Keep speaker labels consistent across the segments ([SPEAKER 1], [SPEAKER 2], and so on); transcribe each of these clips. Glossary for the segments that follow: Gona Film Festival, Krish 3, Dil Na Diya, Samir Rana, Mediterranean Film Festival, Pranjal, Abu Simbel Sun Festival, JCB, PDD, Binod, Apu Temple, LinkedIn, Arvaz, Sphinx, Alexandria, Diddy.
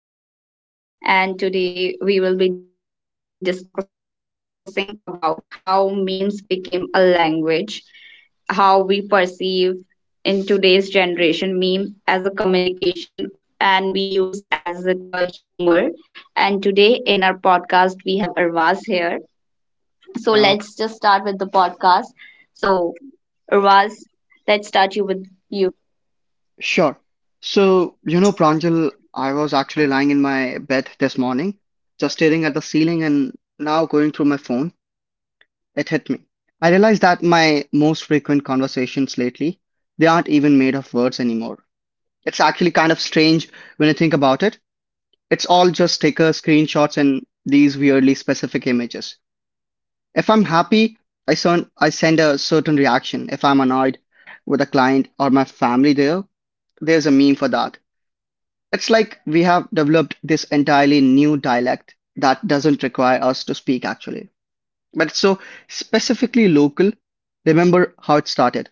[SPEAKER 1] So, hello everyone, and welcome to our podcast. And today we will be discussing about how memes became a language, how we perceive in today's generation meme as a communication and we use as it a humor. And today in our podcast we have Arvaz here. So
[SPEAKER 2] Uh,
[SPEAKER 1] let's just start with the podcast. So Arvaz, let's start you with you.
[SPEAKER 2] sure. So, you know, Pranjal, I was actually lying in my bed this morning, just staring at the ceiling and now going through my phone, it hit me. I realized that my most frequent conversations lately, they aren't even made of words anymore. It's actually kind of strange when you think about it. It's all just sticker screenshots and these weirdly specific images. If I'm happy, I send a certain reaction. If I'm annoyed with a client or my family there's a meme for that. It's like we have developed this entirely new dialect that doesn't require us to speak actually, but it's so specifically local. Remember how it started?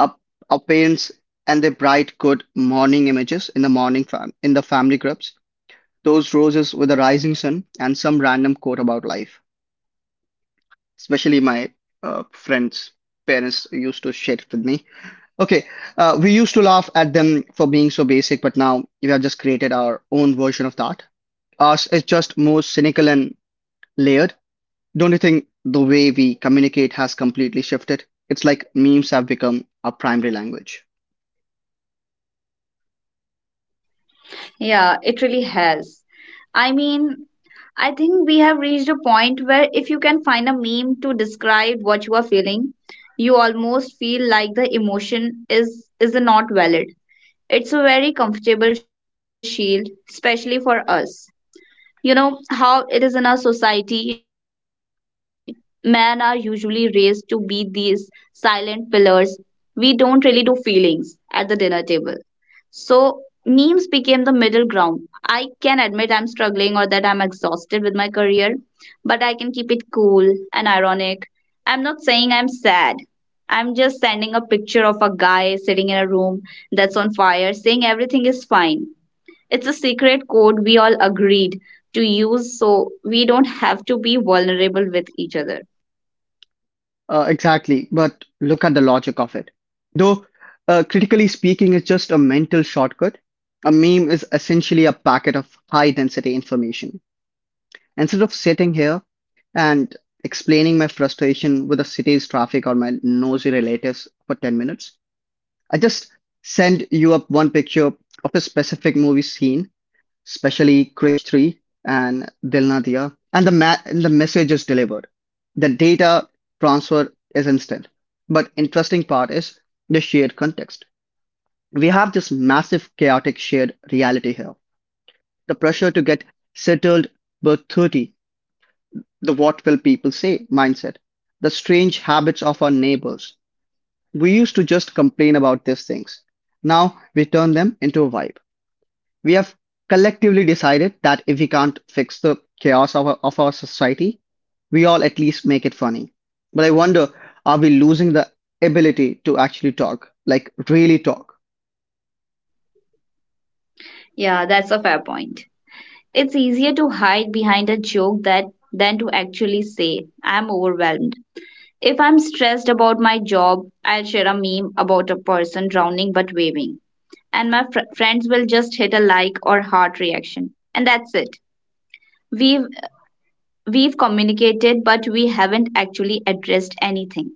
[SPEAKER 2] Our, our parents and their bright good morning images in the morning in the family groups. Those roses with the rising sun and some random quote about life. Especially my friends' parents used to share it with me. Okay, we used to laugh at them for being so basic, but now we have just created our own version of that. Ours is just more cynical and layered. Don't you think the way we communicate has completely shifted? It's like memes have become our primary language.
[SPEAKER 1] Yeah, it really has. I mean, I think we have reached a point where if you can find a meme to describe what you are feeling, you almost feel like the emotion is not valid. It's a very comfortable shield, especially for us. You know how it is in our society, men are usually raised to be these silent pillars. We don't really do feelings at the dinner table. So memes became the middle ground. I can admit I'm struggling or that I'm exhausted with my career, but I can keep it cool and ironic. I'm not saying I'm sad. I'm just sending a picture of a guy sitting in a room that's on fire saying everything is fine. It's a secret code we all agreed to use so we don't have to be vulnerable with each other.
[SPEAKER 2] Exactly, but look at the logic of it. Though, critically speaking, it's just a mental shortcut. A meme is essentially a packet of high density information. Instead of sitting here and explaining my frustration with the city's traffic or my nosy relatives for 10 minutes, I just send you up one picture of a specific movie scene, especially Krish 3 and Dil Na Diya, and and the message is delivered. The data transfer is instant. But interesting part is the shared context. We have this massive chaotic shared reality here. The pressure to get settled by 30, the what will people say mindset, the strange habits of our neighbors. We used to just complain about these things. Now we turn them into a vibe. We have collectively decided that if we can't fix the chaos of our society, we all at least make it funny. But I wonder, are we losing the ability to actually talk? Like, really talk?
[SPEAKER 1] Yeah, that's a fair point. It's easier to hide behind a joke that than to actually say, I'm overwhelmed. If I'm stressed about my job, I'll share a meme about a person drowning but waving. And my friends will just hit a like or heart reaction. And that's it. We've, we've communicated, but we haven't actually addressed anything.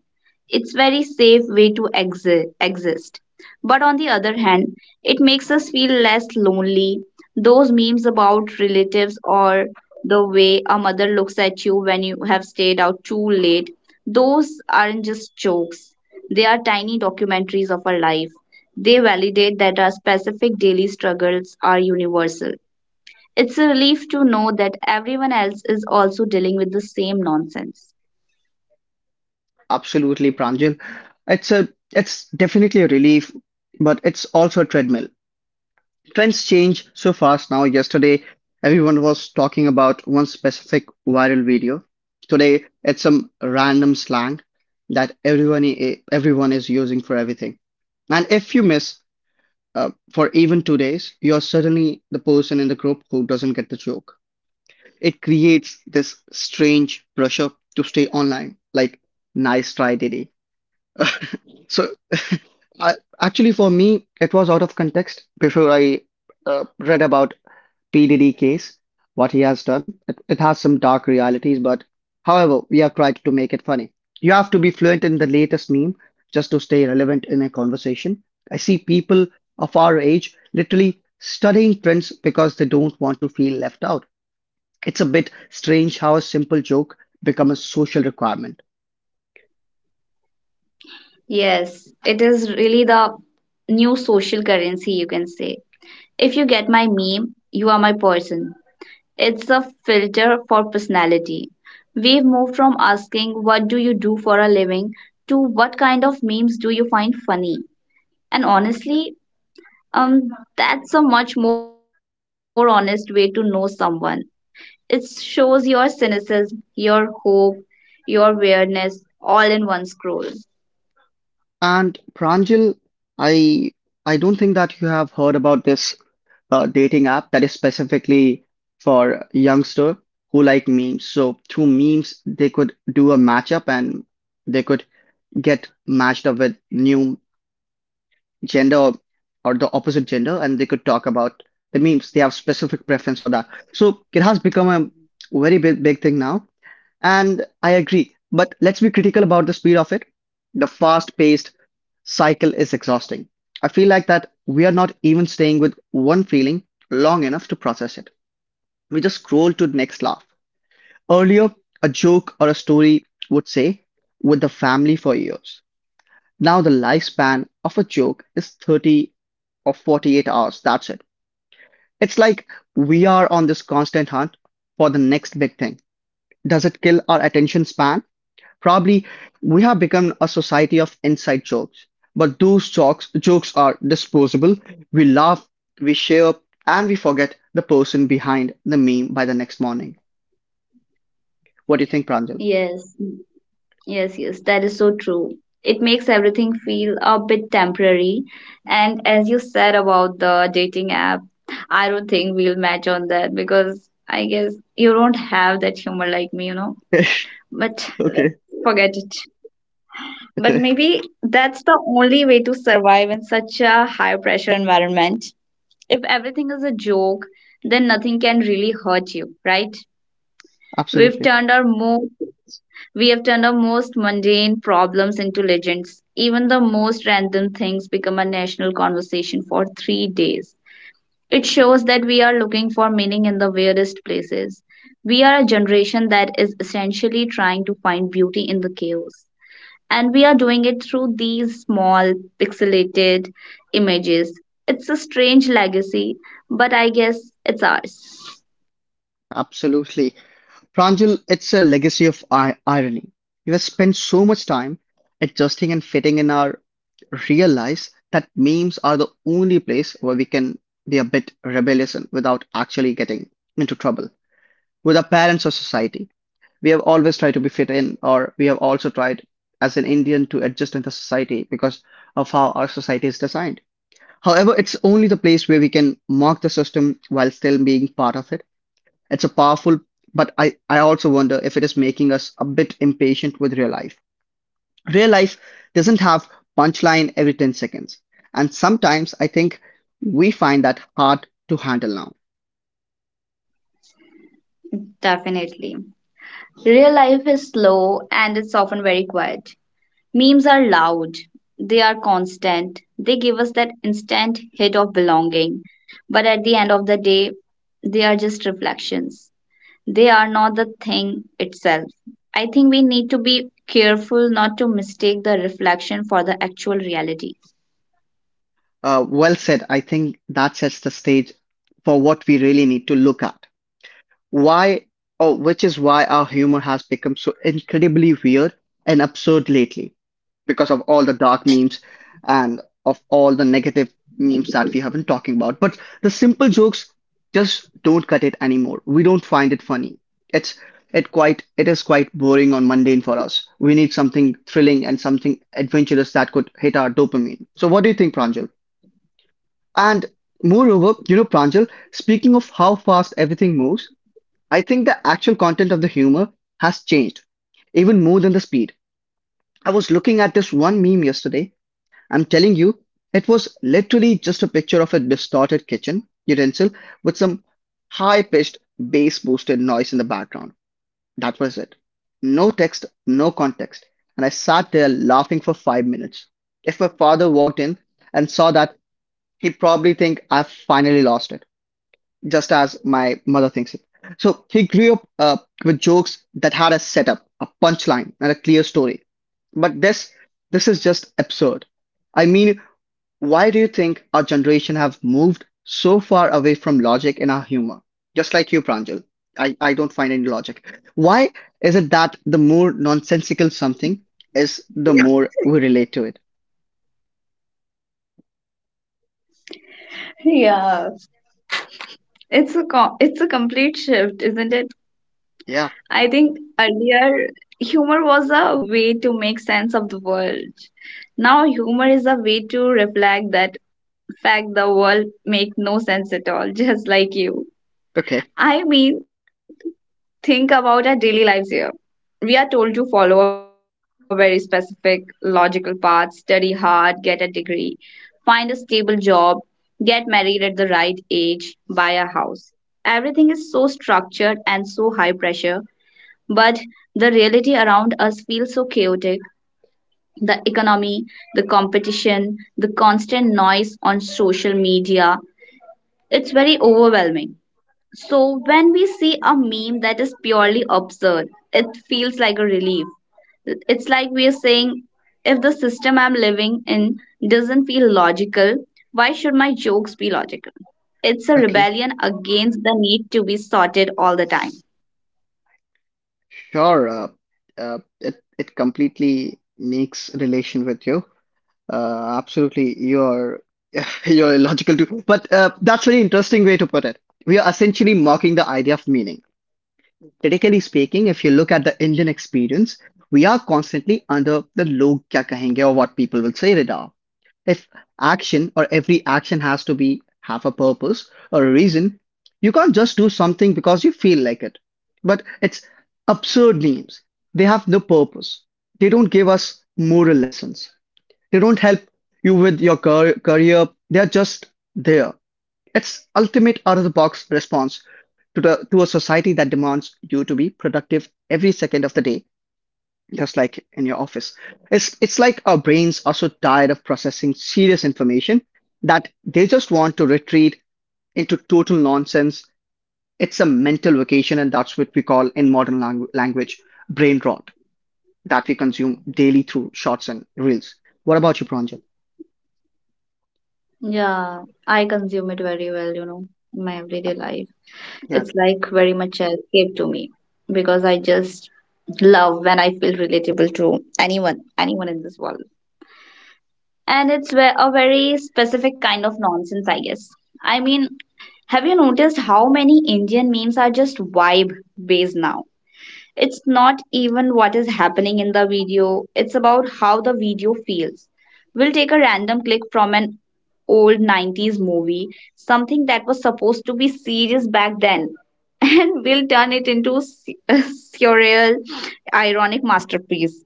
[SPEAKER 1] It's very safe way to exist. But on the other hand, it makes us feel less lonely. Those memes about relatives or the way a mother looks at you when you have stayed out too late, those aren't just jokes. They are tiny documentaries of our life. They validate that our specific daily struggles are universal. It's a relief to know that everyone else is also dealing with the same nonsense.
[SPEAKER 2] Absolutely, Pranjal. It's a, it's definitely a relief, but it's also a treadmill. Trends change so fast now. Yesterday, everyone was talking about one specific viral video. Today, it's some random slang that everyone is using for everything. And if you miss for even 2 days, you're suddenly the person in the group who doesn't get the joke. It creates this strange pressure to stay online, like nice try, Diddy. So, I, actually, for me, it was out of context before I read about PDD case, what he has done. It has some dark realities, but however, we have tried to make it funny. You have to be fluent in the latest meme just to stay relevant in a conversation. I see people of our age literally studying trends because they don't want to feel left out. It's a bit strange how a simple joke becomes a social requirement.
[SPEAKER 1] Yes, it is really the new social currency, you can say. If you get my meme, you are my person. It's a filter for personality. We've moved from asking, what do you do for a living, to what kind of memes do you find funny? And honestly, um, that's a much more honest way to know someone. It shows your cynicism, your hope, your weirdness all in one scroll.
[SPEAKER 2] And Pranjal, I I don't think that you have heard about this a dating app that is specifically for youngster who like memes. So through memes, they could do a matchup and they could get matched up with new gender or the opposite gender, and they could talk about the memes. They have specific preference for that. So it has become a very big thing now, and I agree. But let's be critical about the speed of it. The fast-paced cycle is exhausting. I feel like that we are not even staying with one feeling long enough to process it. We just scroll to the next laugh. Earlier, a joke or a story would say, with the family for years. Now, the lifespan of a joke is 30 or 48 hours. That's it. It's like we are on this constant hunt for the next big thing. Does it kill our attention span? Probably we have become a society of inside jokes. But those jokes are disposable. We laugh, we share, and we forget the person behind the meme by the next morning. What do you think, Pranjal?
[SPEAKER 1] Yes, yes, yes, that is so true. It makes everything feel a bit temporary. And as you said about the dating app, I don't think we'll match on that because I guess you don't have that humor like me, you know. But let's
[SPEAKER 2] Okay,
[SPEAKER 1] forget it. But
[SPEAKER 2] okay.
[SPEAKER 1] maybe that's the only way to survive in such a high pressure environment. If everything is a joke, then nothing can really hurt you, right? We've
[SPEAKER 2] Absolutely.
[SPEAKER 1] turned our most We have turned our most mundane problems into legends. Even the most random things become a national conversation for 3 days. It shows that we are looking for meaning in the weirdest places. We are a generation that is essentially trying to find beauty in the chaos. And we are doing it through these small, pixelated images. It's a strange legacy, but I guess it's ours.
[SPEAKER 2] Absolutely. Pranjal, it's a legacy of I irony. We have spent so much time adjusting and fitting in our real lives that memes are the only place where we can be a bit rebellious and without actually getting into trouble with our parents or society. We have always tried to be fit in, or we have also tried as an Indian to adjust in the society because of how our society is designed. However, it's only the place where we can mock the system while still being part of it. It's a powerful, but I also wonder if it is making us a bit impatient with real life. Real life doesn't have punchline every 10 seconds. And sometimes I think we find that hard to handle now.
[SPEAKER 1] Definitely. Real life is slow and it's often very quiet. Memes are loud, they are constant, they give us that instant hit of belonging. But at the end of the day, they are just reflections. They are not the thing itself. I think we need to be careful not to mistake the reflection for the actual reality.
[SPEAKER 2] Well said. I think that sets the stage for what we really need to look at. Why oh Which is why our humor has become so incredibly weird and absurd lately. Because of all the dark memes and of all the negative memes that we have been talking about. But the simple jokes just don't cut it anymore. We don't find it funny. It's it quite it is quite boring or mundane for us. We need something thrilling and something adventurous that could hit our dopamine. So what do you think, Pranjal? And moreover, you know, Pranjal, speaking of how fast everything moves, I think the actual content of the humor has changed, even more than the speed. I was looking at this one meme yesterday. I'm telling you, it was literally just a picture of a distorted kitchen utensil with some high pitched bass boosted noise in the background. That was it. No text, no context. And I sat there laughing for 5 minutes. If my father walked in and saw that, he'd probably think I've finally lost it just as my mother thinks it. So he grew up with jokes that had a setup, a punchline, and a clear story. But this is just absurd. I mean, why do you think our generation have moved so far away from logic in our humor? Just like you, Pranjal. I don't find any logic. Why is it that the more nonsensical something is, the more we relate to it?
[SPEAKER 1] Yeah, it's a it's a complete shift, isn't it?
[SPEAKER 2] Yeah.
[SPEAKER 1] I think earlier humor was a way to make sense of the world. Now humor is a way to reflect that fact the world make no sense at all, just like you.
[SPEAKER 2] Okay.
[SPEAKER 1] I mean, think about our daily lives here. We are told to follow a very specific logical path, study hard, get a degree, find a stable job, get married at the right age, buy a house. Everything is so structured and so high pressure, but the reality around us feels so chaotic. The economy, the competition, the constant noise on social media, it's very overwhelming. So when we see a meme that is purely absurd, it feels like a relief. It's like we are saying, if the system I'm living in doesn't feel logical, why should my jokes be logical? It's a
[SPEAKER 2] Okay.
[SPEAKER 1] rebellion against the need to be sorted all the time.
[SPEAKER 2] Sure, it completely makes relation with you. Absolutely, you're you're illogical too. But that's very interesting way to put it. We are essentially mocking the idea of meaning. Critically speaking, if you look at the Indian experience, we are constantly under the log kya kahenge or what people will say radar if action or every action has to be have a purpose or a reason, you can't just do something because you feel like it, but it's absurd names, they have no purpose, they don't give us moral lessons, they don't help you with your career, they are just there. It's ultimate out of the box response to the to a society that demands you to be productive every second of the day, just like in your office. It's Like our brains are so tired of processing serious information that they just want to retreat into total nonsense. It's a mental vacation, and that's what we call in modern language brain rot that we consume daily through shorts and reels. What about you, Pranjit?
[SPEAKER 1] Yeah, I consume it very well, you know, in my everyday life.
[SPEAKER 2] Yeah,
[SPEAKER 1] It's like very much an escape to me because I just love when I feel relatable to anyone, anyone in this world. And it's a very specific kind of nonsense, I guess. I mean, have you noticed how many Indian memes are just vibe based now? It's not even what is happening in the video, it's about how the video feels. We'll take a random clip from an old 90s movie, something that was supposed to be serious back then, and we'll turn it into a surreal, ironic masterpiece.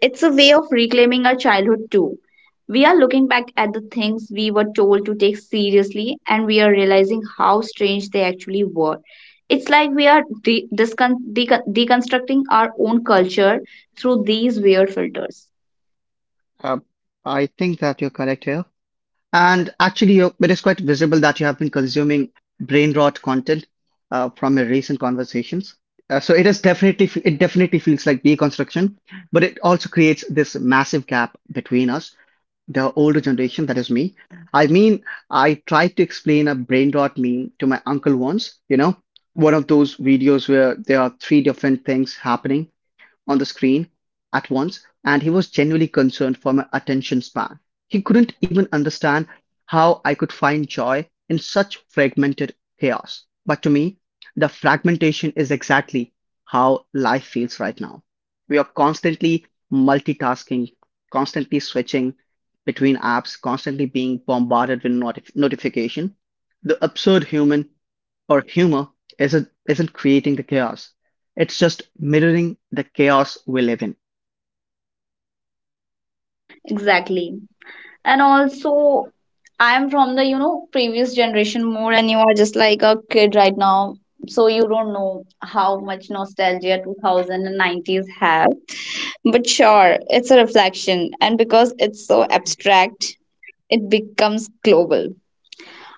[SPEAKER 1] It's a way of reclaiming our childhood too. We are looking back at the things we were told to take seriously and we are realizing how strange they actually were. It's like we are deconstructing our own culture through these weird filters.
[SPEAKER 2] um, I think that you're correct here. And actually, you it is quite visible that you have been consuming brain rot content from your recent conversations. So it definitely feels like deconstruction, but it also creates this massive gap between us, the older generation, that is me. I mean, I tried to explain a brain rot meme to my uncle once, you know, one of those videos where there are 3 different things happening on the screen at once, and he was genuinely concerned for my attention span. He couldn't even understand how I could find joy in such fragmented chaos. But to me, the fragmentation is exactly how life feels right now. We are constantly multitasking, constantly switching between apps, constantly being bombarded with notification. The absurd human or humor isn't creating the chaos. It's just mirroring the chaos we live in.
[SPEAKER 1] Exactly. And also, I am from the, you know, previous generation more, and you are just like a kid right now. So you don't know how much nostalgia 2000 and nineties have. But sure, it's a reflection, and because it's so abstract, it becomes global.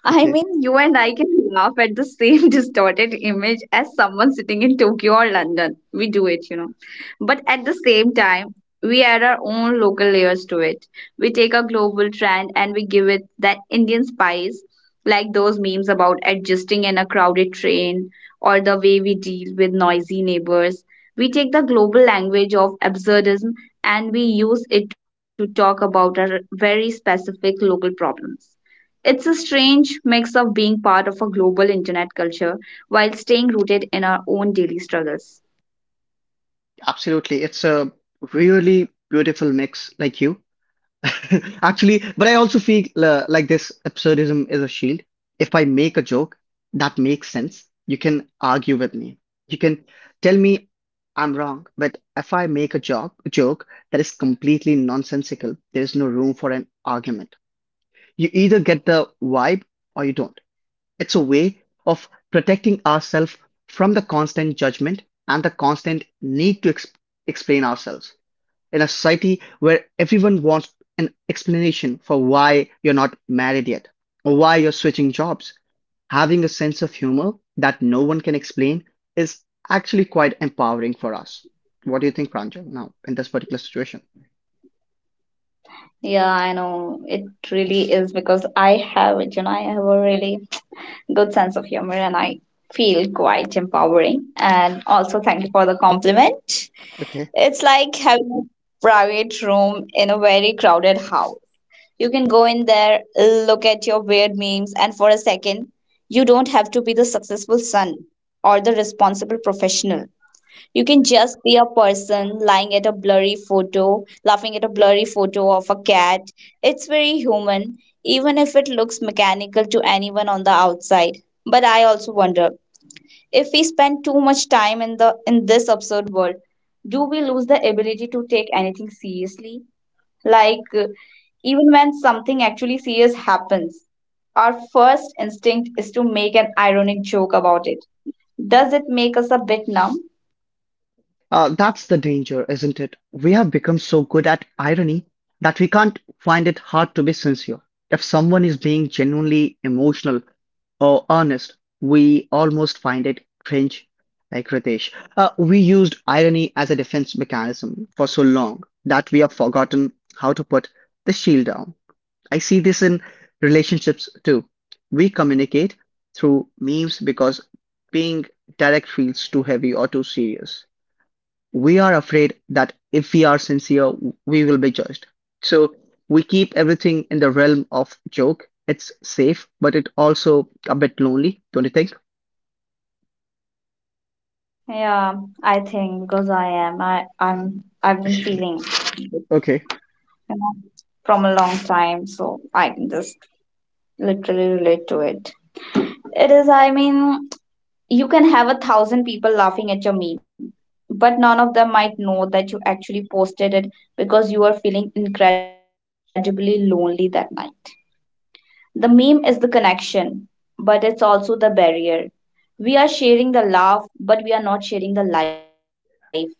[SPEAKER 1] I
[SPEAKER 2] Okay.
[SPEAKER 1] mean, you and I can laugh at the same distorted image as someone sitting in Tokyo or London. We do it, you know. But at the same time, we add our own local layers to it. We take a global trend and we give it that Indian spice, like those memes about adjusting in a crowded train or the way we deal with noisy neighbors. We take the global language of absurdism and we use it to talk about our very specific local problems. It's a strange mix of being part of a global internet culture while staying rooted in our own daily struggles.
[SPEAKER 2] Absolutely. It's a really beautiful mix, like you. Actually, but I also feel like this absurdism is a shield. If I make a joke that makes sense, you can argue with me. You can tell me I'm wrong, but if I make a joke that is completely nonsensical, there is no room for an argument. You either get the vibe or you don't. It's a way of protecting ourselves from the constant judgment and the constant need to explain ourselves. In a society where everyone wants an explanation for why you're not married yet or why you're switching jobs, having a sense of humor that no one can explain is actually quite empowering for us. What do you think, Pranjal, now in this particular situation?
[SPEAKER 1] Yeah, I know. It really is because I have it, you know, I have a really good sense of humor and I feel quite empowering. And also, thank you for the compliment.
[SPEAKER 2] Okay.
[SPEAKER 1] It's like having a private room in a very crowded house. You can go in there, look at your weird memes, and for a second, you don't have to be the successful son or the responsible professional. You can just be a person lying at a blurry photo, laughing at a blurry photo of a cat. It's very human, even if it looks mechanical to anyone on the outside. But I also wonder if we spend too much time in the in this absurd world, do we lose the ability to take anything seriously? Like uh, Even when something actually serious happens, our first instinct is to make an ironic joke about it. Does it make us a bit numb?
[SPEAKER 2] That's the danger, isn't it? We have become so good at irony that we can't find it hard to be sincere. If someone is being genuinely emotional or honest, we almost find it cringe, like Ritesh. We used irony as a defense mechanism for so long that we have forgotten how to put the shield down. I see this in relationships too. We communicate through memes because being direct feels too heavy or too serious. We are afraid that if we are sincere, we will be judged. So we keep everything in the realm of joke. It's safe, but it also a bit lonely, don't you think?
[SPEAKER 1] Yeah, I think because I am. I, I'm I've been feeling this, you
[SPEAKER 2] Okay.
[SPEAKER 1] know, from a long time, so I can just literally relate to it. It is, I mean, you can have a thousand people laughing at your meme, but none of them might know that you actually posted it because you are feeling incredibly lonely that night. The meme is the connection, but it's also the barrier. We are sharing the laugh, but we are not sharing the life.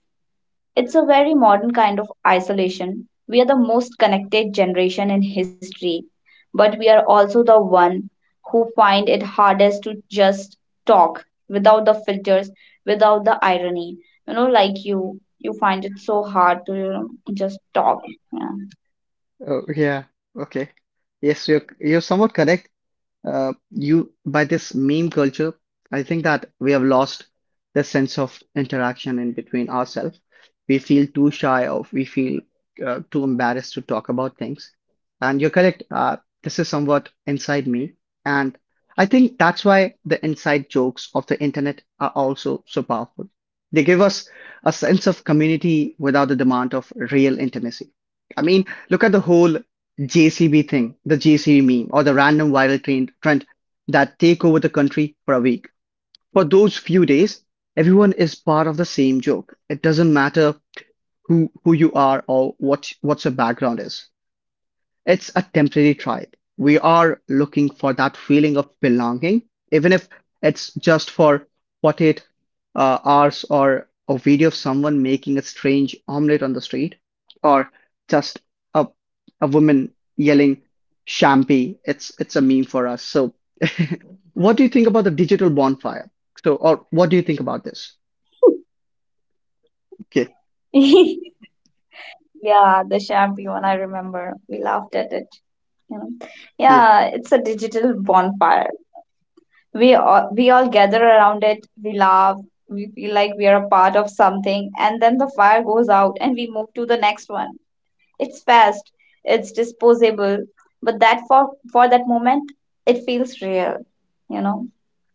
[SPEAKER 1] It's a very modern kind of isolation. We are the most connected generation in history, but we are also the one who find it hardest to just talk without the filters, without the irony. You know, like you find it so hard to, you know, just talk. Yeah.
[SPEAKER 2] Oh, yeah. Okay. Yes, you're somewhat correct. You by this meme culture, I think that we have lost the sense of interaction in between ourselves. We feel too embarrassed to talk about things. And you're correct. This is somewhat inside me, and I think that's why the inside jokes of the internet are also so powerful. They give us a sense of community without the demand of real intimacy. I mean, look at the whole JCB thing, the JCB meme, or the random viral trend that take over the country for a week. For those few days, everyone is part of the same joke. It doesn't matter who you are or what's your background is. It's a temporary tribe. We are looking for that feeling of belonging, even if it's just for 48 hours or a video of someone making a strange omelet on the street or just a, a woman yelling "shampi." It's a meme for us. So what do you think about the digital bonfire? Or what do you think about this? Okay.
[SPEAKER 1] Yeah, the shampoo one, I remember. We laughed at it. You know,
[SPEAKER 2] Yeah.
[SPEAKER 1] yeah, it's a digital bonfire. We all gather around it, we laugh, we feel like we are a part of something, and then the fire goes out and we move to the next one. It's fast, it's disposable, but that for that moment it feels real, you know.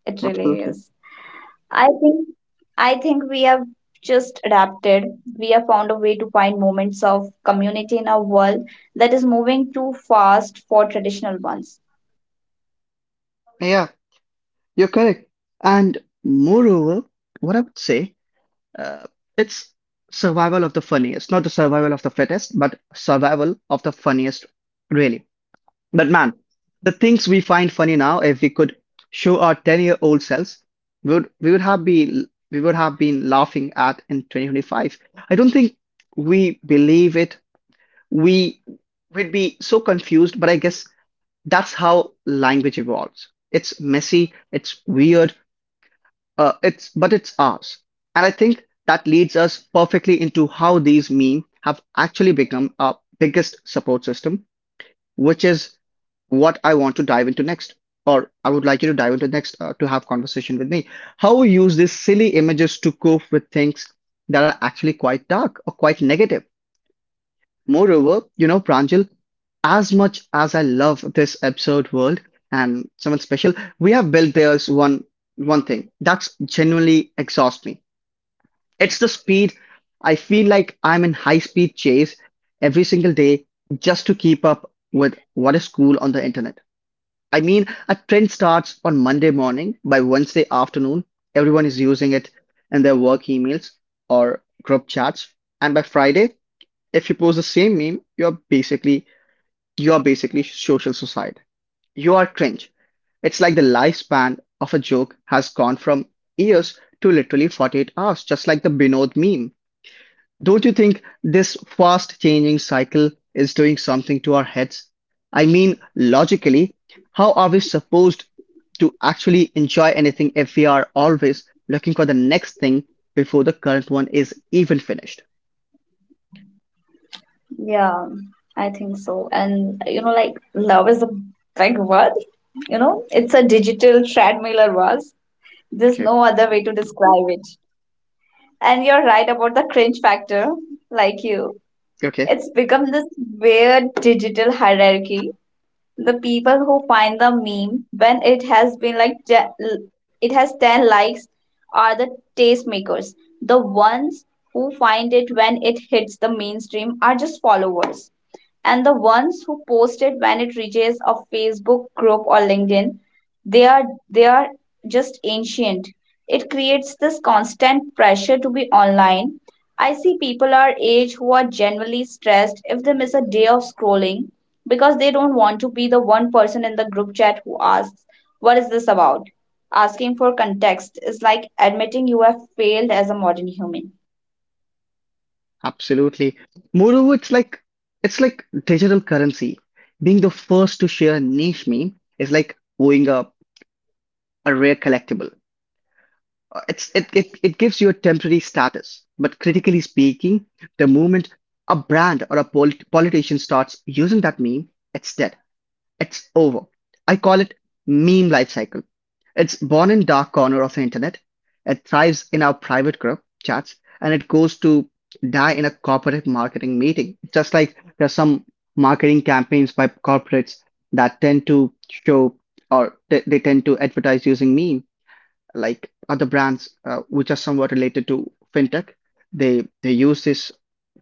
[SPEAKER 1] It really
[SPEAKER 2] Absolutely.
[SPEAKER 1] is. i think I think we have just adapted. We have found a way to find moments of community in a world that is moving too fast for traditional ones.
[SPEAKER 2] Yeah, you're correct. And moreover, what I would say, Uh, it's survival of the funniest, not the survival of the fittest, but survival of the funniest, really. But man, the things we find funny now, if we could show our 10-year-old selves, we would have been we would have been laughing at in 2025. I don't think we believe it. We would be so confused, but I guess that's how language evolves. It's messy, it's weird, it's but it's ours, and I think that leads us perfectly into how these memes have actually become our biggest support system, which is what I want to dive into next, or I would like you to dive into next to have conversation with me. How we use these silly images to cope with things that are actually quite dark or quite negative. Moreover, you know, Pranjal, as much as I love this absurd world and someone special, we have built there's one thing that's genuinely exhausts me. It's the speed. I feel like I'm in high speed chase every single day just to keep up with what is cool on the internet. I mean, a trend starts on Monday morning. By Wednesday afternoon, everyone is using it in their work emails or group chats. And by Friday, if you post the same meme, you're basically social suicide. You are cringe. It's like the lifespan of a joke has gone from years to literally 48 hours, just like the Binod meme. Don't you think this fast changing cycle is doing something to our heads? I mean, logically, how are we supposed to actually enjoy anything if we are always looking for the next thing before the current one is even finished?
[SPEAKER 1] Yeah, I think so. And you know, like love is a big word. You know, it's a digital treadmill or was. There's
[SPEAKER 2] Okay,
[SPEAKER 1] no other way to describe it. And you're right about the cringe factor, like you.
[SPEAKER 2] okay.
[SPEAKER 1] It's become this weird digital hierarchy. The people who find the meme when it has been like it has 10 likes are the tastemakers. The ones who find it when it hits the mainstream are just followers, and the ones who post it when it reaches a Facebook group or LinkedIn, they are just ancient. It creates this constant pressure to be online. I see people our age who are generally stressed if they miss a day of scrolling because they don't want to be the one person in the group chat who asks, "What is this about?" Asking for context is like admitting you have failed as a modern human.
[SPEAKER 2] Absolutely. Moreover, it's like digital currency. Being the first to share a niche meme is like owning a rare collectible. It's it, it it gives you a temporary status, but critically speaking, the moment a brand or a politician starts using that meme, it's dead. It's over. I call it meme life cycle. It's born in dark corner of the internet. It thrives in our private group chats and it goes to die in a corporate marketing meeting. Just like there are some marketing campaigns by corporates that tend to show or they tend to advertise using meme, like other brands which are somewhat related to fintech. They use this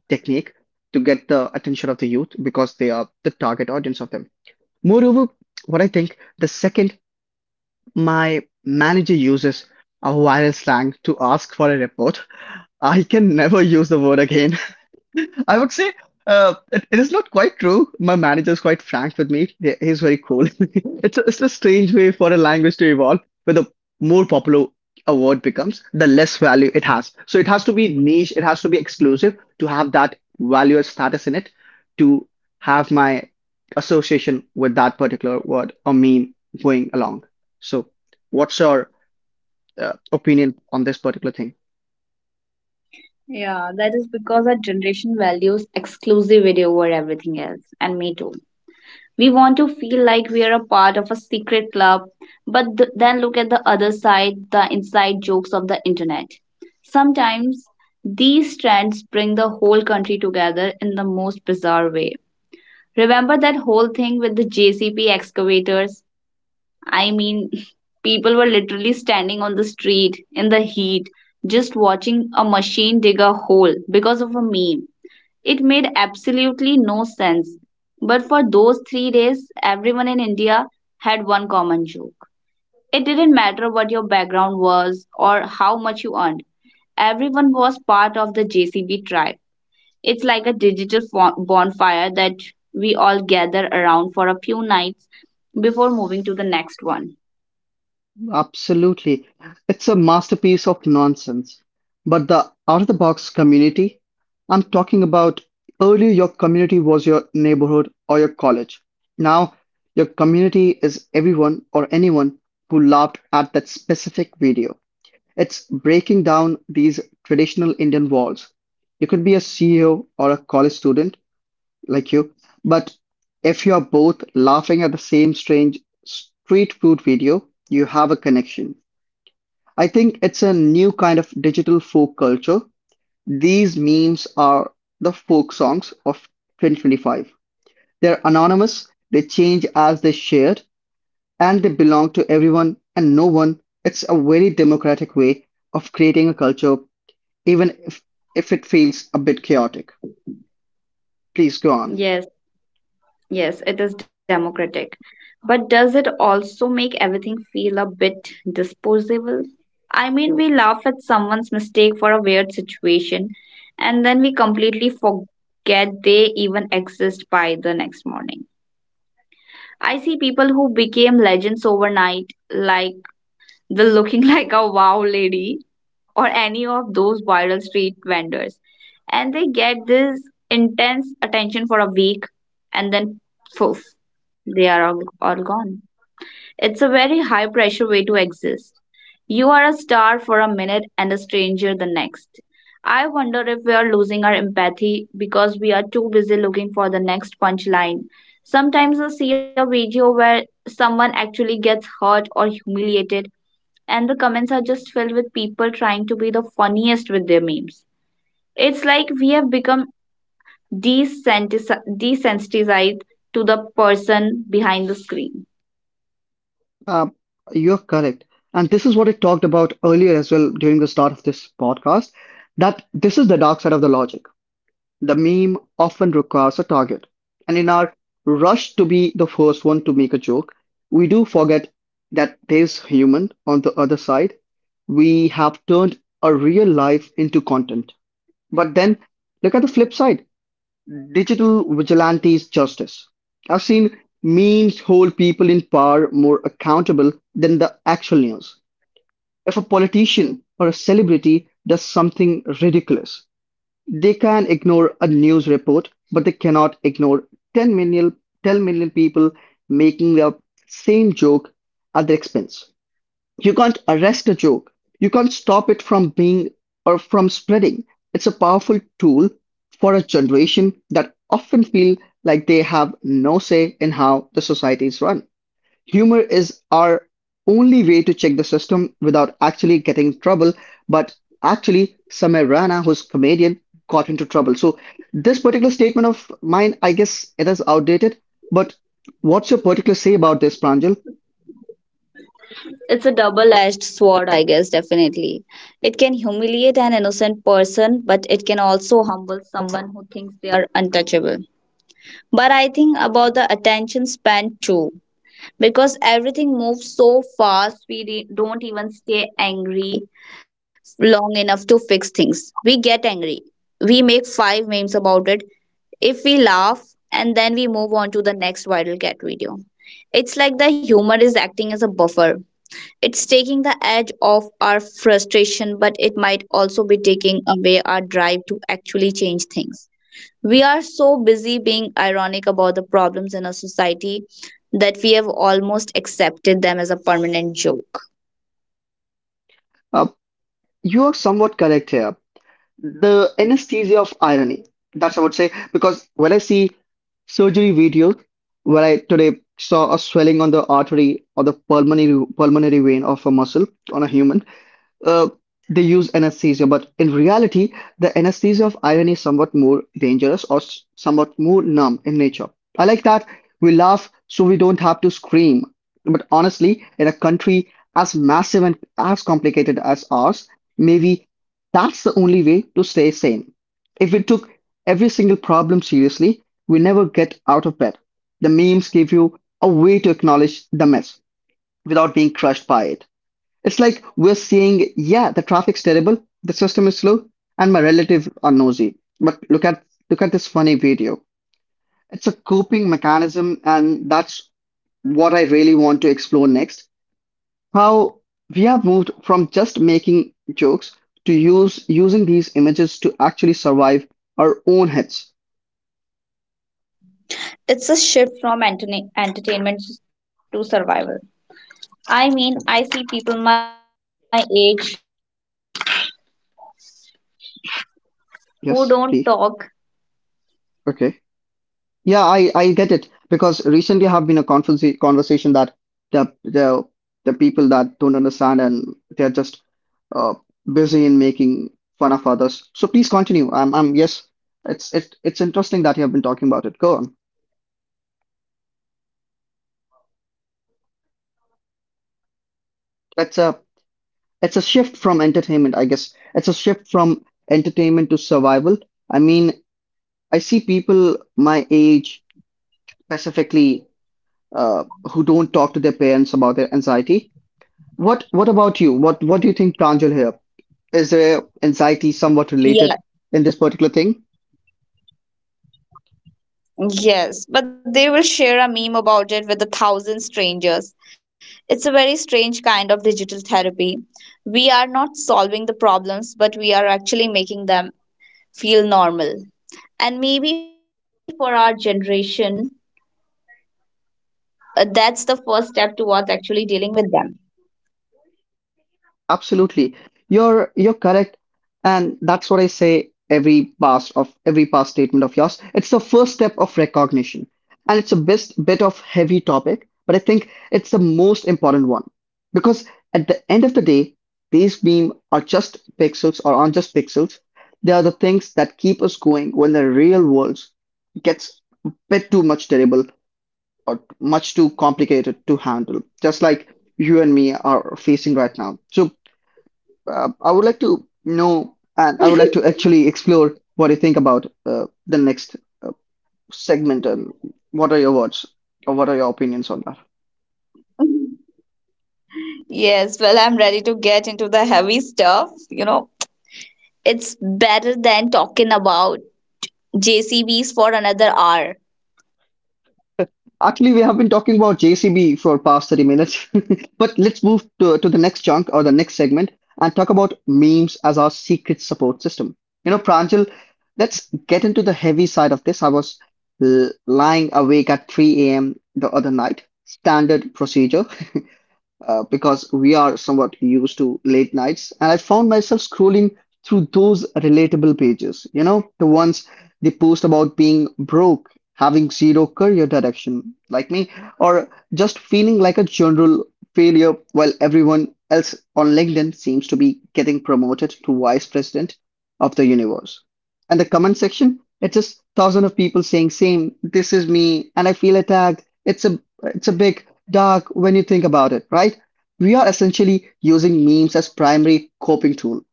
[SPEAKER 2] technique to get the attention of the youth because they are the target audience of them. Moreover, what I think, the second my manager uses a viral slang to ask for a report, I can never use the word again. I would say it is not quite true. My manager is quite frank with me. He's very cool. It's it's a strange way for a language to evolve, where the more popular a word becomes, the less value it has. So it has to be niche, it has to be exclusive to have that value or status in it to have my association with that particular word or meme going along. So what's your opinion on this particular thing?
[SPEAKER 1] Yeah, that is because our generation values exclusivity over everything else, and me too. We want to feel like we are a part of a secret club, but then look at the other side, the inside jokes of the internet. Sometimes these trends bring the whole country together in the most bizarre way. Remember that whole thing with the JCP excavators? I mean, people were literally standing on the street in the heat, just watching a machine dig a hole because of a meme. It made absolutely no sense. But for those 3 days, everyone in India had one common joke. It didn't matter what your background was or how much you earned, everyone was part of the JCB tribe. It's like a digital bonfire that we all gather around for a few nights before moving to the next one.
[SPEAKER 2] Absolutely. It's a masterpiece of nonsense. But the out of the box community, I'm talking about earlier your community was your neighborhood or your college. Now your community is everyone or anyone who laughed at that specific video. It's breaking down these traditional Indian walls. You could be a CEO or a college student like you. But if you are both laughing at the same strange street food video, you have a connection. I think it's a new kind of digital folk culture. These memes are the folk songs of 2025. They're anonymous, they change as they shared, and they belong to everyone and no one. It's a very democratic way of creating a culture, even if it feels a bit chaotic. Please go on.
[SPEAKER 1] Yes. Yes, it is democratic. But does it also make everything feel a bit disposable? I mean, we laugh at someone's mistake for a weird situation, and then we completely forget they even exist by the next morning. I see people who became legends overnight, like the looking like a wow lady, or any of those viral street vendors. And they get this intense attention for a week, and then poof, they are all gone. It's a very high pressure way to exist. You are a star for a minute and a stranger the next. I wonder if we are losing our empathy because we are too busy looking for the next punchline. Sometimes I see a video where someone actually gets hurt or humiliated, and the comments are just filled with people trying to be the funniest with their memes. It's like we have become desensitized to the person behind the screen.
[SPEAKER 2] Uh, you're correct. And this is what I talked about earlier as well during the start of this podcast that this is the dark side of the logic. The meme often requires a target. And in our rush to be the first one to make a joke, we do forget that there's human on the other side. We have turned a real life into content. But then look at the flip side. Digital vigilantes justice. I've seen memes hold people in power more accountable than the actual news. If a politician or a celebrity does something ridiculous, they can ignore a news report, but they cannot ignore 10 million, 10 million people making the same joke at their expense. You can't arrest a joke. You can't stop it from being or from spreading. It's a powerful tool for a generation that often feel like they have no say in how the society is run. Humor is our only way to check the system without actually getting in trouble, but actually Samir Rana, who's comedian, got into trouble. So this particular statement of mine, I guess it is outdated, but what's your particular say about this, Pranjal?
[SPEAKER 1] It's a double edged sword, I guess, definitely. It can humiliate an innocent person, but it can also humble someone who thinks they are untouchable. But I think about the attention span too. Because everything moves so fast, we don't even stay angry long enough to fix things. We get angry, we make five memes about it, if we laugh, and then we move on to the next viral cat video. It's like the humor is acting as a buffer. It's taking the edge off our frustration, but it might also be taking away our drive to actually change things. We are so busy being ironic about the problems in our society that we have almost accepted them as a permanent joke.
[SPEAKER 2] Uh, you are somewhat correct here. The anesthesia of irony. That's I would say because when I see surgery videos, where I today saw a swelling on the artery or the pulmonary vein of a muscle on a human, uh, they use anesthesia, but in reality, the anesthesia of irony is somewhat more dangerous or somewhat more numb in nature. I like that we laugh so we don't have to scream. But honestly, in a country as massive and as complicated as ours, maybe that's the only way to stay sane. If we took every single problem seriously, we never get out of bed. The memes give you a way to acknowledge the mess without being crushed by it. It's like we're seeing, yeah, the traffic's terrible, the system is slow, and my relatives are nosy. But look at this funny video. It's a coping mechanism, and that's what I really want to explore next. How we have moved from just making jokes to use using these images to actually survive our own heads.
[SPEAKER 1] It's a shift from entertainment to survival. I mean, I see people my age who
[SPEAKER 2] Yes,
[SPEAKER 1] don't
[SPEAKER 2] please.
[SPEAKER 1] talk,
[SPEAKER 2] Okay. Yeah, I, get it because recently have been a
[SPEAKER 1] who don't talk to their
[SPEAKER 2] conversation that
[SPEAKER 1] parents.
[SPEAKER 2] the the the people that don't understand and they're just uh, busy in making fun of others. So please continue. I'm yes, it's interesting that you have been talking about it. Go on.
[SPEAKER 1] Yes, I see people my age who don't talk to their parents
[SPEAKER 2] It's
[SPEAKER 1] about
[SPEAKER 2] a
[SPEAKER 1] their anxiety, but they'll
[SPEAKER 2] shift
[SPEAKER 1] share a
[SPEAKER 2] from
[SPEAKER 1] meme
[SPEAKER 2] entertainment, I
[SPEAKER 1] about
[SPEAKER 2] guess.
[SPEAKER 1] it.
[SPEAKER 2] It's a shift from entertainment to survival. I mean, I see people my age specifically uh, who don't talk to their parents about their anxiety. What about you? What do you think plans you'll help? Is there anxiety somewhat related in
[SPEAKER 1] Yeah.
[SPEAKER 2] this particular thing?
[SPEAKER 1] Yes, but they will share a meme about it with a thousand strangers. It's a very strange kind of digital therapy. We are not solving the problems, but we are actually making them feel normal. And maybe for our generation, that's the first step towards actually dealing with them.
[SPEAKER 2] Absolutely. You're correct. And that's what I say every past of every past statement of yours. It's the first step of recognition. And it's a best bit of heavy topic, but I think it's the most important one. Because at the end of the day, these beam are just pixels or aren't just pixels. They are the things that keep us going when the real world gets a bit too much terrible or much too complicated to handle, just like you and me are facing right now. So I would like to know, and I would like to actually explore what you think about the next uh, segment and what are your words or what are your opinions on that?
[SPEAKER 1] Yes, well, I'm ready to get into the heavy stuff. You know, it's better than talking about JCBs for another hour.
[SPEAKER 2] Actually, we have been talking about JCB for past 30 minutes, but let's move to the next chunk or the next segment and talk about memes as our secret support system. You know, Pranjal, let's get into the heavy side of this. I was lying awake at 3 a.m. the other night, standard procedure, because we are somewhat used to late nights. And I found myself scrolling through those relatable pages, you know, the ones they post about being broke, having zero career direction, like me, or just feeling like a general failure while everyone else on LinkedIn seems to be getting promoted to vice president of the universe. And the comment section, it's just thousands of people saying same, this is me, and I feel attacked. It's a big dark when you think about it, right? We are essentially using memes as primary coping tool.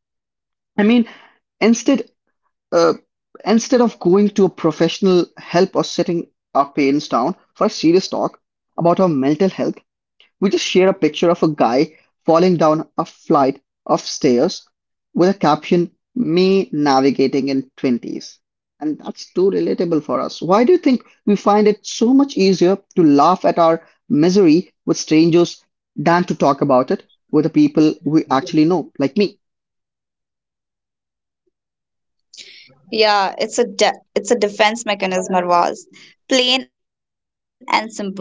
[SPEAKER 2] I mean, instead uh, instead of going to a professional help or setting our parents down for a serious talk about our mental health, we just shared a picture of a guy falling down a flight of stairs with a caption, "Me Navigating in twenties." And that's too relatable for us. Why do you think we find it so much easier to laugh at our misery with strangers than to talk about it with the people we actually know, like me?
[SPEAKER 1] Yeah, it's a defense mechanism, was. Plain and simple.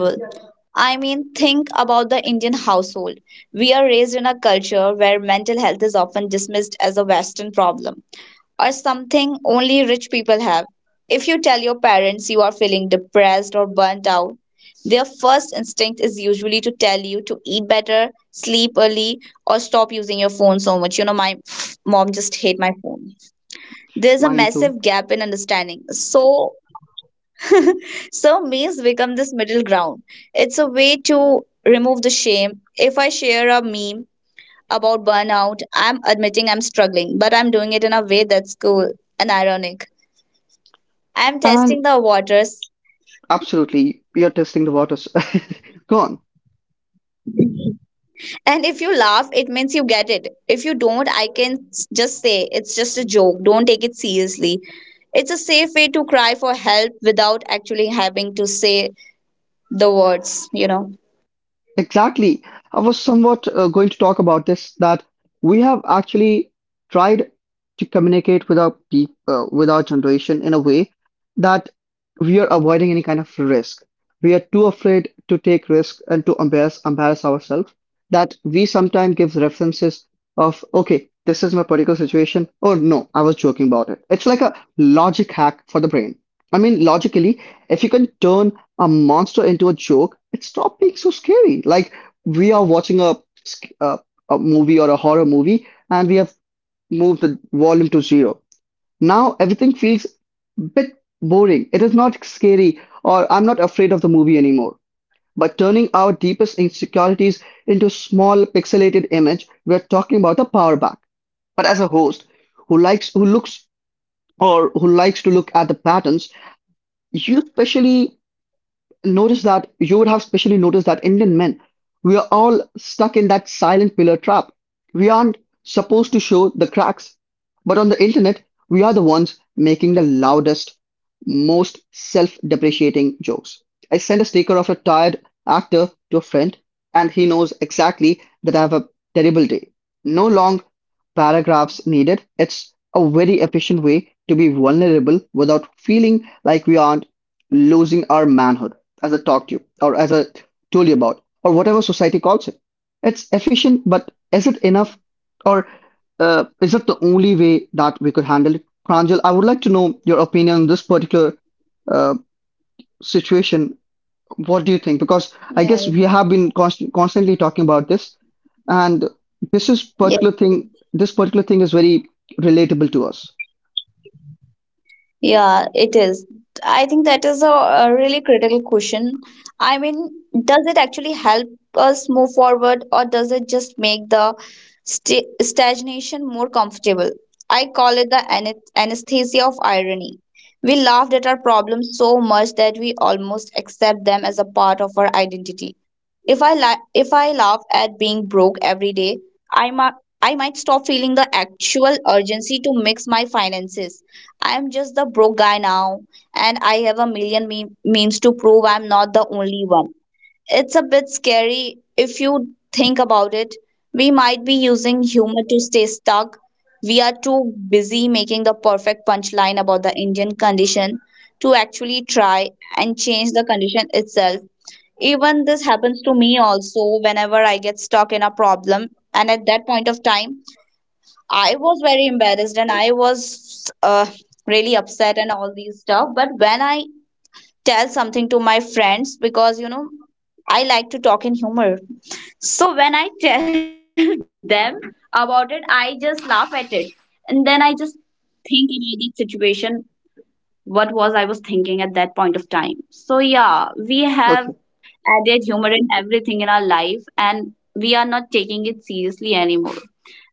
[SPEAKER 1] I mean, think about the Indian household. We are raised in a culture where mental health is often dismissed as a Western problem, or something only rich people have. If you tell your parents you are feeling depressed or burnt out, their first instinct is usually to tell you to eat better, sleep early, or stop using your phone so much. You know, my mom just hate my phone, there's a massive
[SPEAKER 2] Mine
[SPEAKER 1] gap
[SPEAKER 2] too.
[SPEAKER 1] in understanding. So, so memes become this middle ground. It's a way to remove the shame. If I share a meme about burnout, I'm admitting I'm struggling, but I'm doing it in a way that's cool and ironic. I'm
[SPEAKER 2] And
[SPEAKER 1] testing the waters.
[SPEAKER 2] absolutely, you're testing the waters. Go on.
[SPEAKER 1] And if you laugh, it means you get it. If you don't, I can just say it's just a joke. Don't take it seriously. It's a safe way to cry for help without actually having to say the words, you know.
[SPEAKER 2] Exactly. I was somewhat going to talk about this that we have actually tried to communicate with our peop with our generation in a way that we are avoiding any kind of risk. We are too afraid to take risk and to embarrass ourselves that we sometimes give references of, okay, this is my particular situation, or no, I was joking about it. It's like a logic hack for the brain. I mean, logically, if you can turn a monster into a joke, it stopped being so scary. Like we are watching a a movie or a horror movie, and we have moved the volume to zero. Now everything feels a bit boring. It is not scary, or I'm not afraid of the movie anymore. But turning our deepest insecurities into small pixelated image, we're talking about a power back. But as a host who looks or who likes to look at the patterns, you especially you would have especially noticed that Indian men, we are all stuck in that silent pillar trap. We aren't supposed to show the cracks, but on the internet, we are the ones making the loudest, most self depreciating jokes. I sent a sticker of a tired actor to a friend, and he knows exactly that I have a terrible day. No long paragraphs needed. It's a very efficient way to be vulnerable without feeling like we aren't losing our manhood as I talked to you or as I told you about or whatever society calls it. It's efficient, but is it enough or is it the only way that we could handle it? Pranjal, I would like to know your opinion on this particular uh, situation. What do you think? Because I
[SPEAKER 1] Yes.
[SPEAKER 2] guess we have been constantly talking about this, and this is
[SPEAKER 1] Yeah,
[SPEAKER 2] particular thing. This particular thing is very relatable to us.
[SPEAKER 1] yeah, it is. I think that is a really critical question. I mean, does it actually help us move forward, or does it just make the stagnation more comfortable? I call it the anesthesia of irony. We laughed at our problems so much that we almost accept them as a part of our identity. If I laugh at being broke every day, I might I might stop feeling the actual urgency to mix my finances. I am just the broke guy now, and I have a million memes to prove I'm not the only one. It's a bit scary if you think about it. We might be using humor to stay stuck. We are too busy making the perfect punchline about the Indian condition to actually try and change the condition itself, even this happens to me also whenever I get stuck in a problem. And at that point of time, I was very embarrassed, and I was really upset and all these stuff. But when I tell something to my friends, because you know, I like to talk in humor. So when I tell them about it, I just laugh at it. And then I just think about that situation, what was I was thinking at that point of time. So yeah, we have
[SPEAKER 2] Okay.
[SPEAKER 1] added humor in everything in our life, and we are not taking it seriously anymore.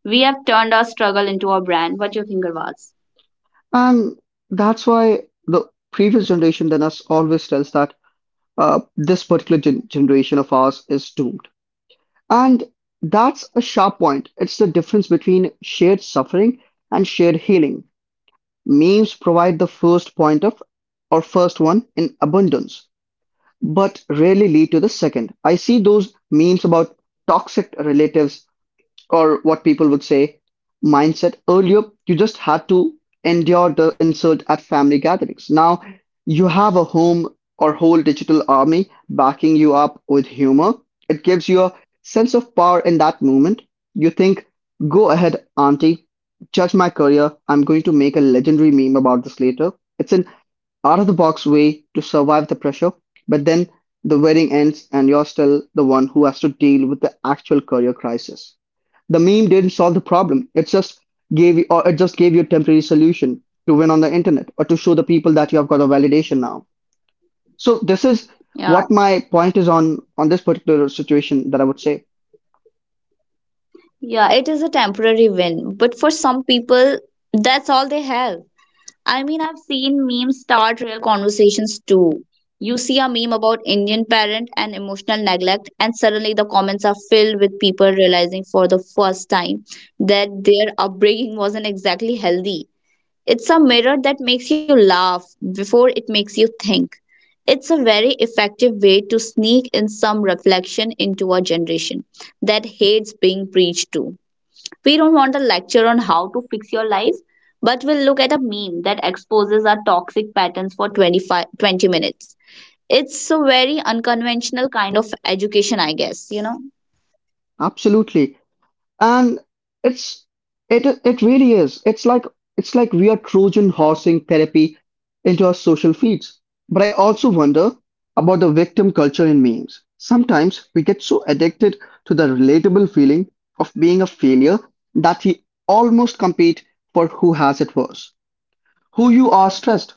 [SPEAKER 1] We have turned our struggle into our brand. What do you think, Arvaz?
[SPEAKER 2] And that's why the previous generation than us always tells that this particular generation of ours is doomed. And that's a sharp point. It's the difference between shared suffering and shared healing. Memes provide the first point of, or first one, in abundance, but rarely lead to the second. I see those memes about toxic relatives or what people would say mindset earlier you just had to endure the insult at family gatherings now you have a home or whole digital army backing you up with humor it gives you a sense of power in that moment you think go ahead auntie judge my career I'm going to make a legendary meme about this later. It's an out-of-the-box way to survive the pressure, but then the wedding ends and you're still the one who has to deal with the actual career crisis. The meme didn't solve the problem. It just gave you, or it just gave you a temporary solution to win on the internet or to show the people that you have got a validation now. So this is what
[SPEAKER 1] Yeah,
[SPEAKER 2] my point is on this particular situation that I would say.
[SPEAKER 1] yeah, it is a temporary win, but for some people, that's all they have. I mean, I've seen memes start real conversations too. You see a meme about Indian parent and emotional neglect, and suddenly the comments are filled with people realizing for the first time that their upbringing wasn't exactly healthy. It's a mirror that makes you laugh before it makes you think. It's a very effective way to sneak in some reflection into a generation that hates being preached to. We don't want a lecture on how to fix your life, but we'll look at a meme that exposes our toxic patterns for 25 20 minutes. It's a very unconventional kind of education, I guess, you know?
[SPEAKER 2] Absolutely. And it's it it really is. It's like we are Trojan horsing therapy into our social feeds. But I also wonder about the victim culture in memes. Sometimes we get so addicted to the relatable feeling of being a failure that we almost compete for who has it worse. Who you are stressed,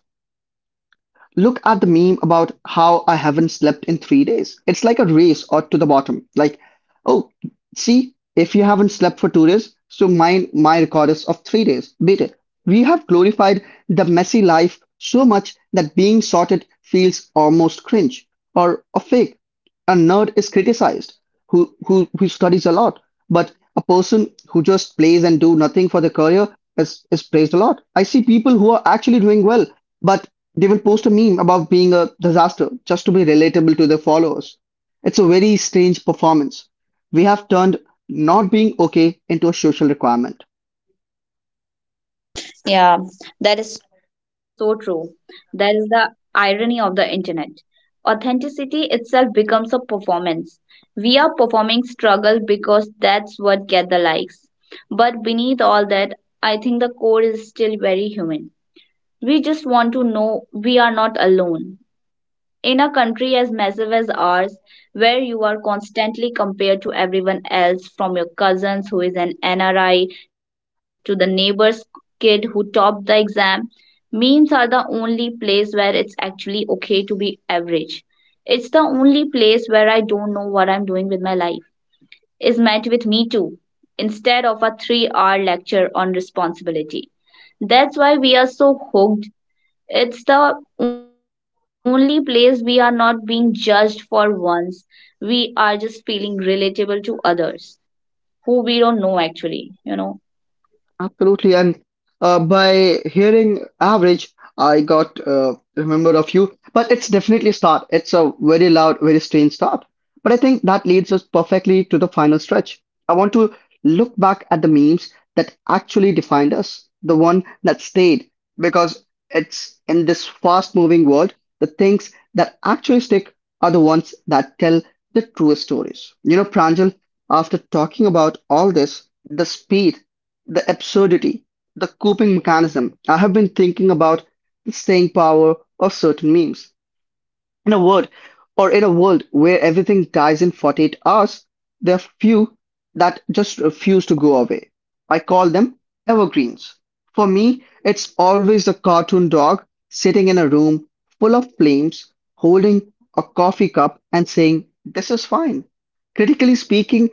[SPEAKER 2] look at the meme about how I haven't slept in 3 days. It's like a race or to the bottom. Like, oh, see, if you haven't slept for 2 days, so mine, my record is of 3 days. Beat it. We have glorified the messy life so much that being sorted feels almost cringe or a fake. A nerd is criticized who studies a lot, but a person who just plays and do nothing for their career is praised a lot. I see people who are actually doing well, but they will post a meme about being a disaster just to be relatable to their followers. It's a very strange performance. We have turned not being okay into a social requirement.
[SPEAKER 1] Yeah, that is so true. That is the irony of the internet. Authenticity itself becomes a performance. We are performing struggle because that's what get the likes. But beneath all that, I think the core is still very human. We just want to know we are not alone. In a country as massive as ours, where you are constantly compared to everyone else, from your cousins who is an NRI to the neighbor's kid who topped the exam, memes are the only place where it's actually okay to be average. It's the only place where "I don't know what I'm doing with my life" is met with "me too" instead of a 3-hour lecture on responsibility. That's why we are so hooked, it's the only place we are not being judged for once. We are just feeling relatable to others who we don't know actually, you know.
[SPEAKER 2] Absolutely, and by hearing average, I got remembered of you. But it's definitely a start. It's a very loud, very strange start. But I think that leads us perfectly to the final stretch. I want to look back at the memes that actually defined us, the one that stayed, because it's in this fast-moving world, the things that actually stick are the ones that tell the truest stories. You know, Pranjal, after talking about all this, the speed the absurdity, the coping mechanism. I have been thinking about the staying power of certain memes. In a word, or in a world where everything dies in 48 hours, there are few that just refuse to go away. I call them evergreens. For me, it's always the cartoon dog sitting in a room full of flames, holding a coffee cup and saying, "This is fine." Critically speaking,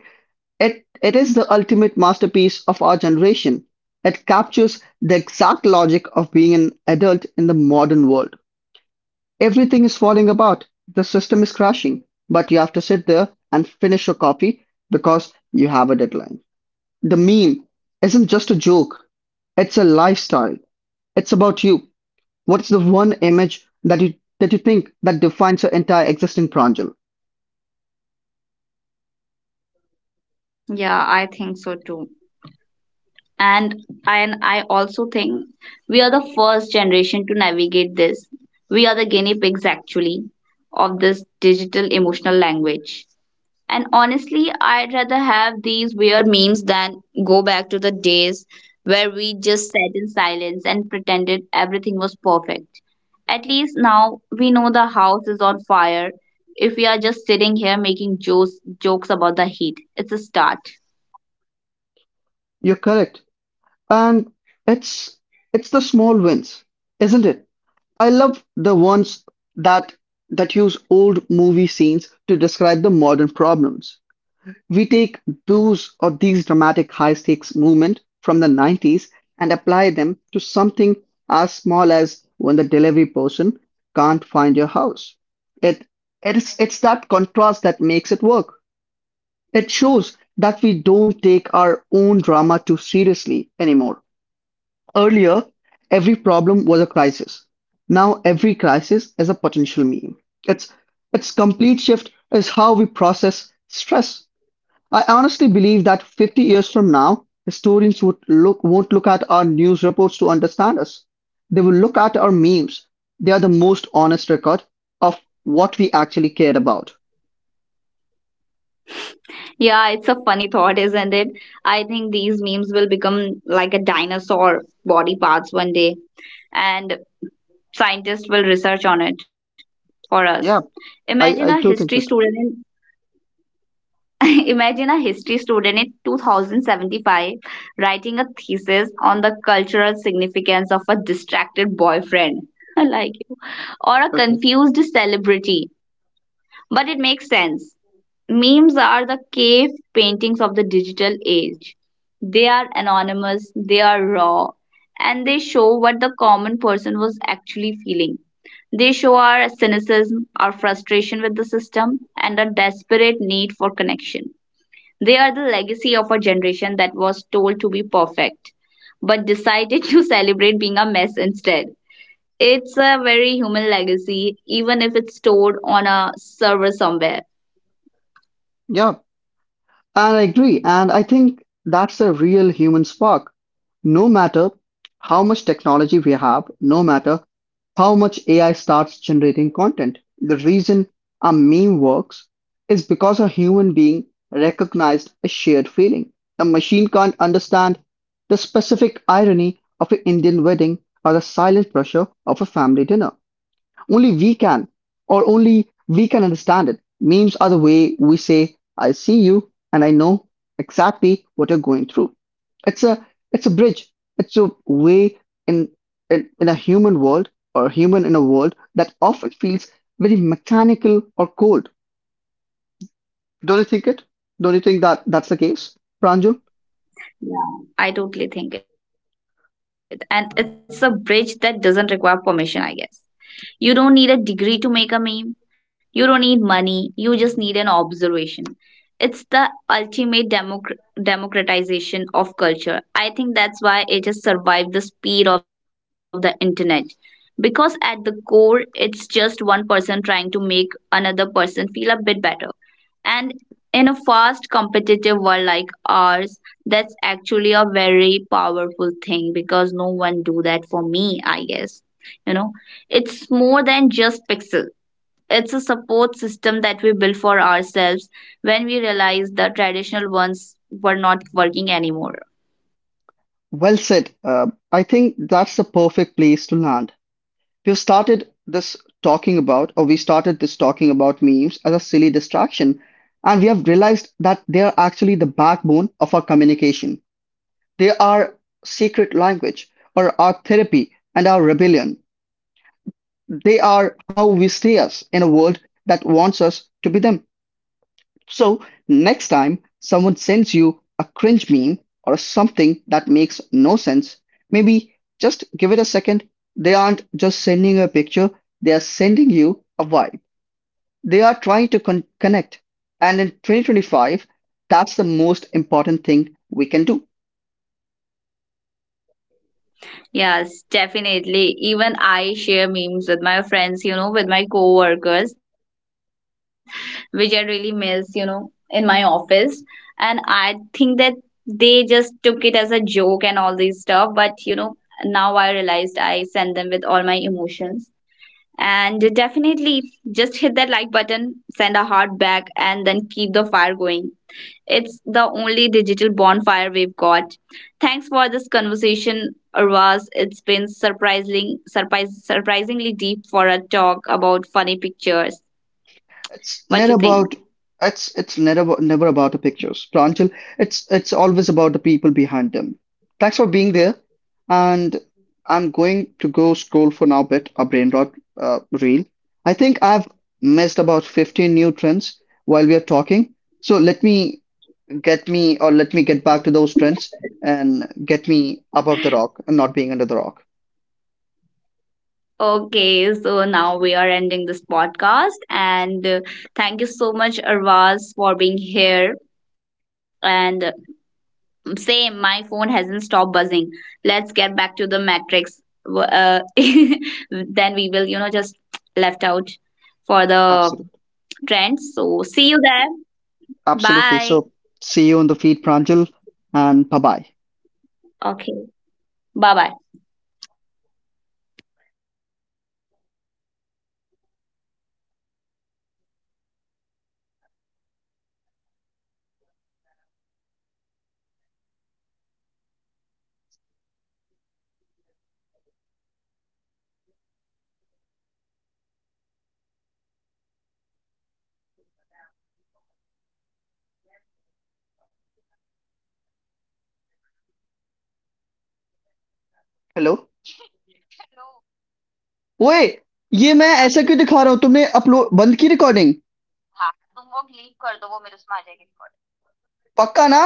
[SPEAKER 2] it is the ultimate masterpiece of our generation. It captures the exact logic of being an adult in the modern world. Everything is falling apart, the system is crashing, but you have to sit there and finish your copy because you have a deadline. The meme isn't just a joke, it's a lifestyle. It's about you. What's the one image that you think that defines your entire existing Pranjal?
[SPEAKER 1] Yeah, I think so too. And and I also think we are the first generation to navigate this. We are the guinea pigs actually of this digital emotional language. And honestly, I'd rather have these weird memes than go back to the days where we just sat in silence and pretended everything was perfect. At least now we know the house is on fire. If we are just sitting here making jokes, jokes about the heat, it's a start.
[SPEAKER 2] You're correct. And it's it's the small wins, isn't it? I love the ones that that use old movie scenes to describe the modern problems. We take those or these dramatic high stakes movement from the 90's and apply them to something as small as when the delivery person can't find your house. It it's that contrast that makes it work. It shows that we don't take our own drama too seriously anymore. Earlier, every problem was a crisis. Now every crisis is a potential meme. Its its complete shift is how we process stress. I honestly believe that 50 years from now, historians would look won't look at our news reports to understand us. They will look at our memes. They are the most honest record of what we actually cared about.
[SPEAKER 1] Yeah, it's a funny thought, isn't it? I think these memes will become like a dinosaur body parts one day, and scientists will research on it for us.
[SPEAKER 2] Yeah,
[SPEAKER 1] Imagine a
[SPEAKER 2] I do think
[SPEAKER 1] history
[SPEAKER 2] it.
[SPEAKER 1] student imagine a history student in 2075 writing a thesis on the cultural significance of a distracted boyfriend, I like you, or a
[SPEAKER 2] Okay.
[SPEAKER 1] confused celebrity. But it makes sense. Memes are the cave paintings of the digital age. They are anonymous, they are raw, and they show what the common person was actually feeling. They show our cynicism, our frustration with the system, and a desperate need for connection. They are the legacy of a generation that was told to be perfect, but decided to celebrate being a mess instead. It's a very human legacy, even if it's stored on a server somewhere.
[SPEAKER 2] Yeah. And I agree. And I think that's a real human spark. No matter how much technology we have, no matter how much AI starts generating content, the reason a meme works is because a human being recognized a shared feeling. A machine can't understand the specific irony of an Indian wedding or the silent pressure of a family dinner. Only we can, or only we can understand it. Memes are the way we say, I see you and I know exactly what you're going through. It's a it's a bridge. It's a way in in a human world or human in a world that often feels very mechanical or cold. Don't you think it? Don't you think that that's the case,
[SPEAKER 1] Yes.
[SPEAKER 2] Pranjul?
[SPEAKER 1] Yeah. I totally think it. And it's a bridge that doesn't require permission, I guess. You don't need a degree to make a meme. You don't need money. You just need an observation. It's the ultimate democratization of culture. I think that's why it has survived the speed of the internet. Because at the core, it's just one person trying to make another person feel a bit better. And in a fast competitive world like ours, that's actually a very powerful thing because no one do that for me, I guess. You know, it's more than just pixel. It's a support system that we build for ourselves when we realize the traditional ones were not working anymore.
[SPEAKER 2] Well said. I think that's the perfect place to land. We started this talking about, or we started this talking about memes as a silly distraction, and we have realized that they are actually the backbone of our communication. They are secret language, or our therapy and our rebellion. They are how we stay us in a world that wants us to be them. So next time someone sends you a cringe meme or something that makes no sense, maybe just give it a second. They aren't just sending you a picture, they are sending you a vibe. They are trying to connect. And in 2025, that's the most important thing we can do.
[SPEAKER 1] Yes, definitely. Even I share memes with my friends, you know, with my coworkers, which I really miss, you know, in my office. And I think that they just took it as a joke and all this stuff. But, you know, now I realized I send them with all my emotions. And definitely just hit that like button, send a heart back, and then keep the fire going. It's the only digital bonfire we've got. Thanks for this conversation, Arvaz. It's been surprisingly deep for a talk about funny pictures.
[SPEAKER 2] It's
[SPEAKER 1] What
[SPEAKER 2] never
[SPEAKER 1] you think?
[SPEAKER 2] about it's never about, never about the pictures, Pranchal. It's always about the people behind them. Thanks for being there, and I'm going to go scroll for now bit a brain rot reel. I think I've missed about 15 new trends while we are talking. So let me get me or let me get back to those trends and get me above the rock and not being under the rock.
[SPEAKER 1] Okay, so now we are ending this podcast, and thank you so much, Arvaz, for being here. And same, my phone hasn't stopped buzzing. Let's get back to the matrix. Then we will, you know, just left out for the
[SPEAKER 2] Absolutely.
[SPEAKER 1] trends. So see you there.
[SPEAKER 2] Absolutely.
[SPEAKER 1] Bye.
[SPEAKER 2] So see you on the feed, Pranjal, and bye bye.
[SPEAKER 1] Okay. Bye bye.
[SPEAKER 2] Hello ओए ये मैं ऐसा क्यों दिखा रहा हूँ तुमने upload बंद की रिकॉर्डिंग पक्का ना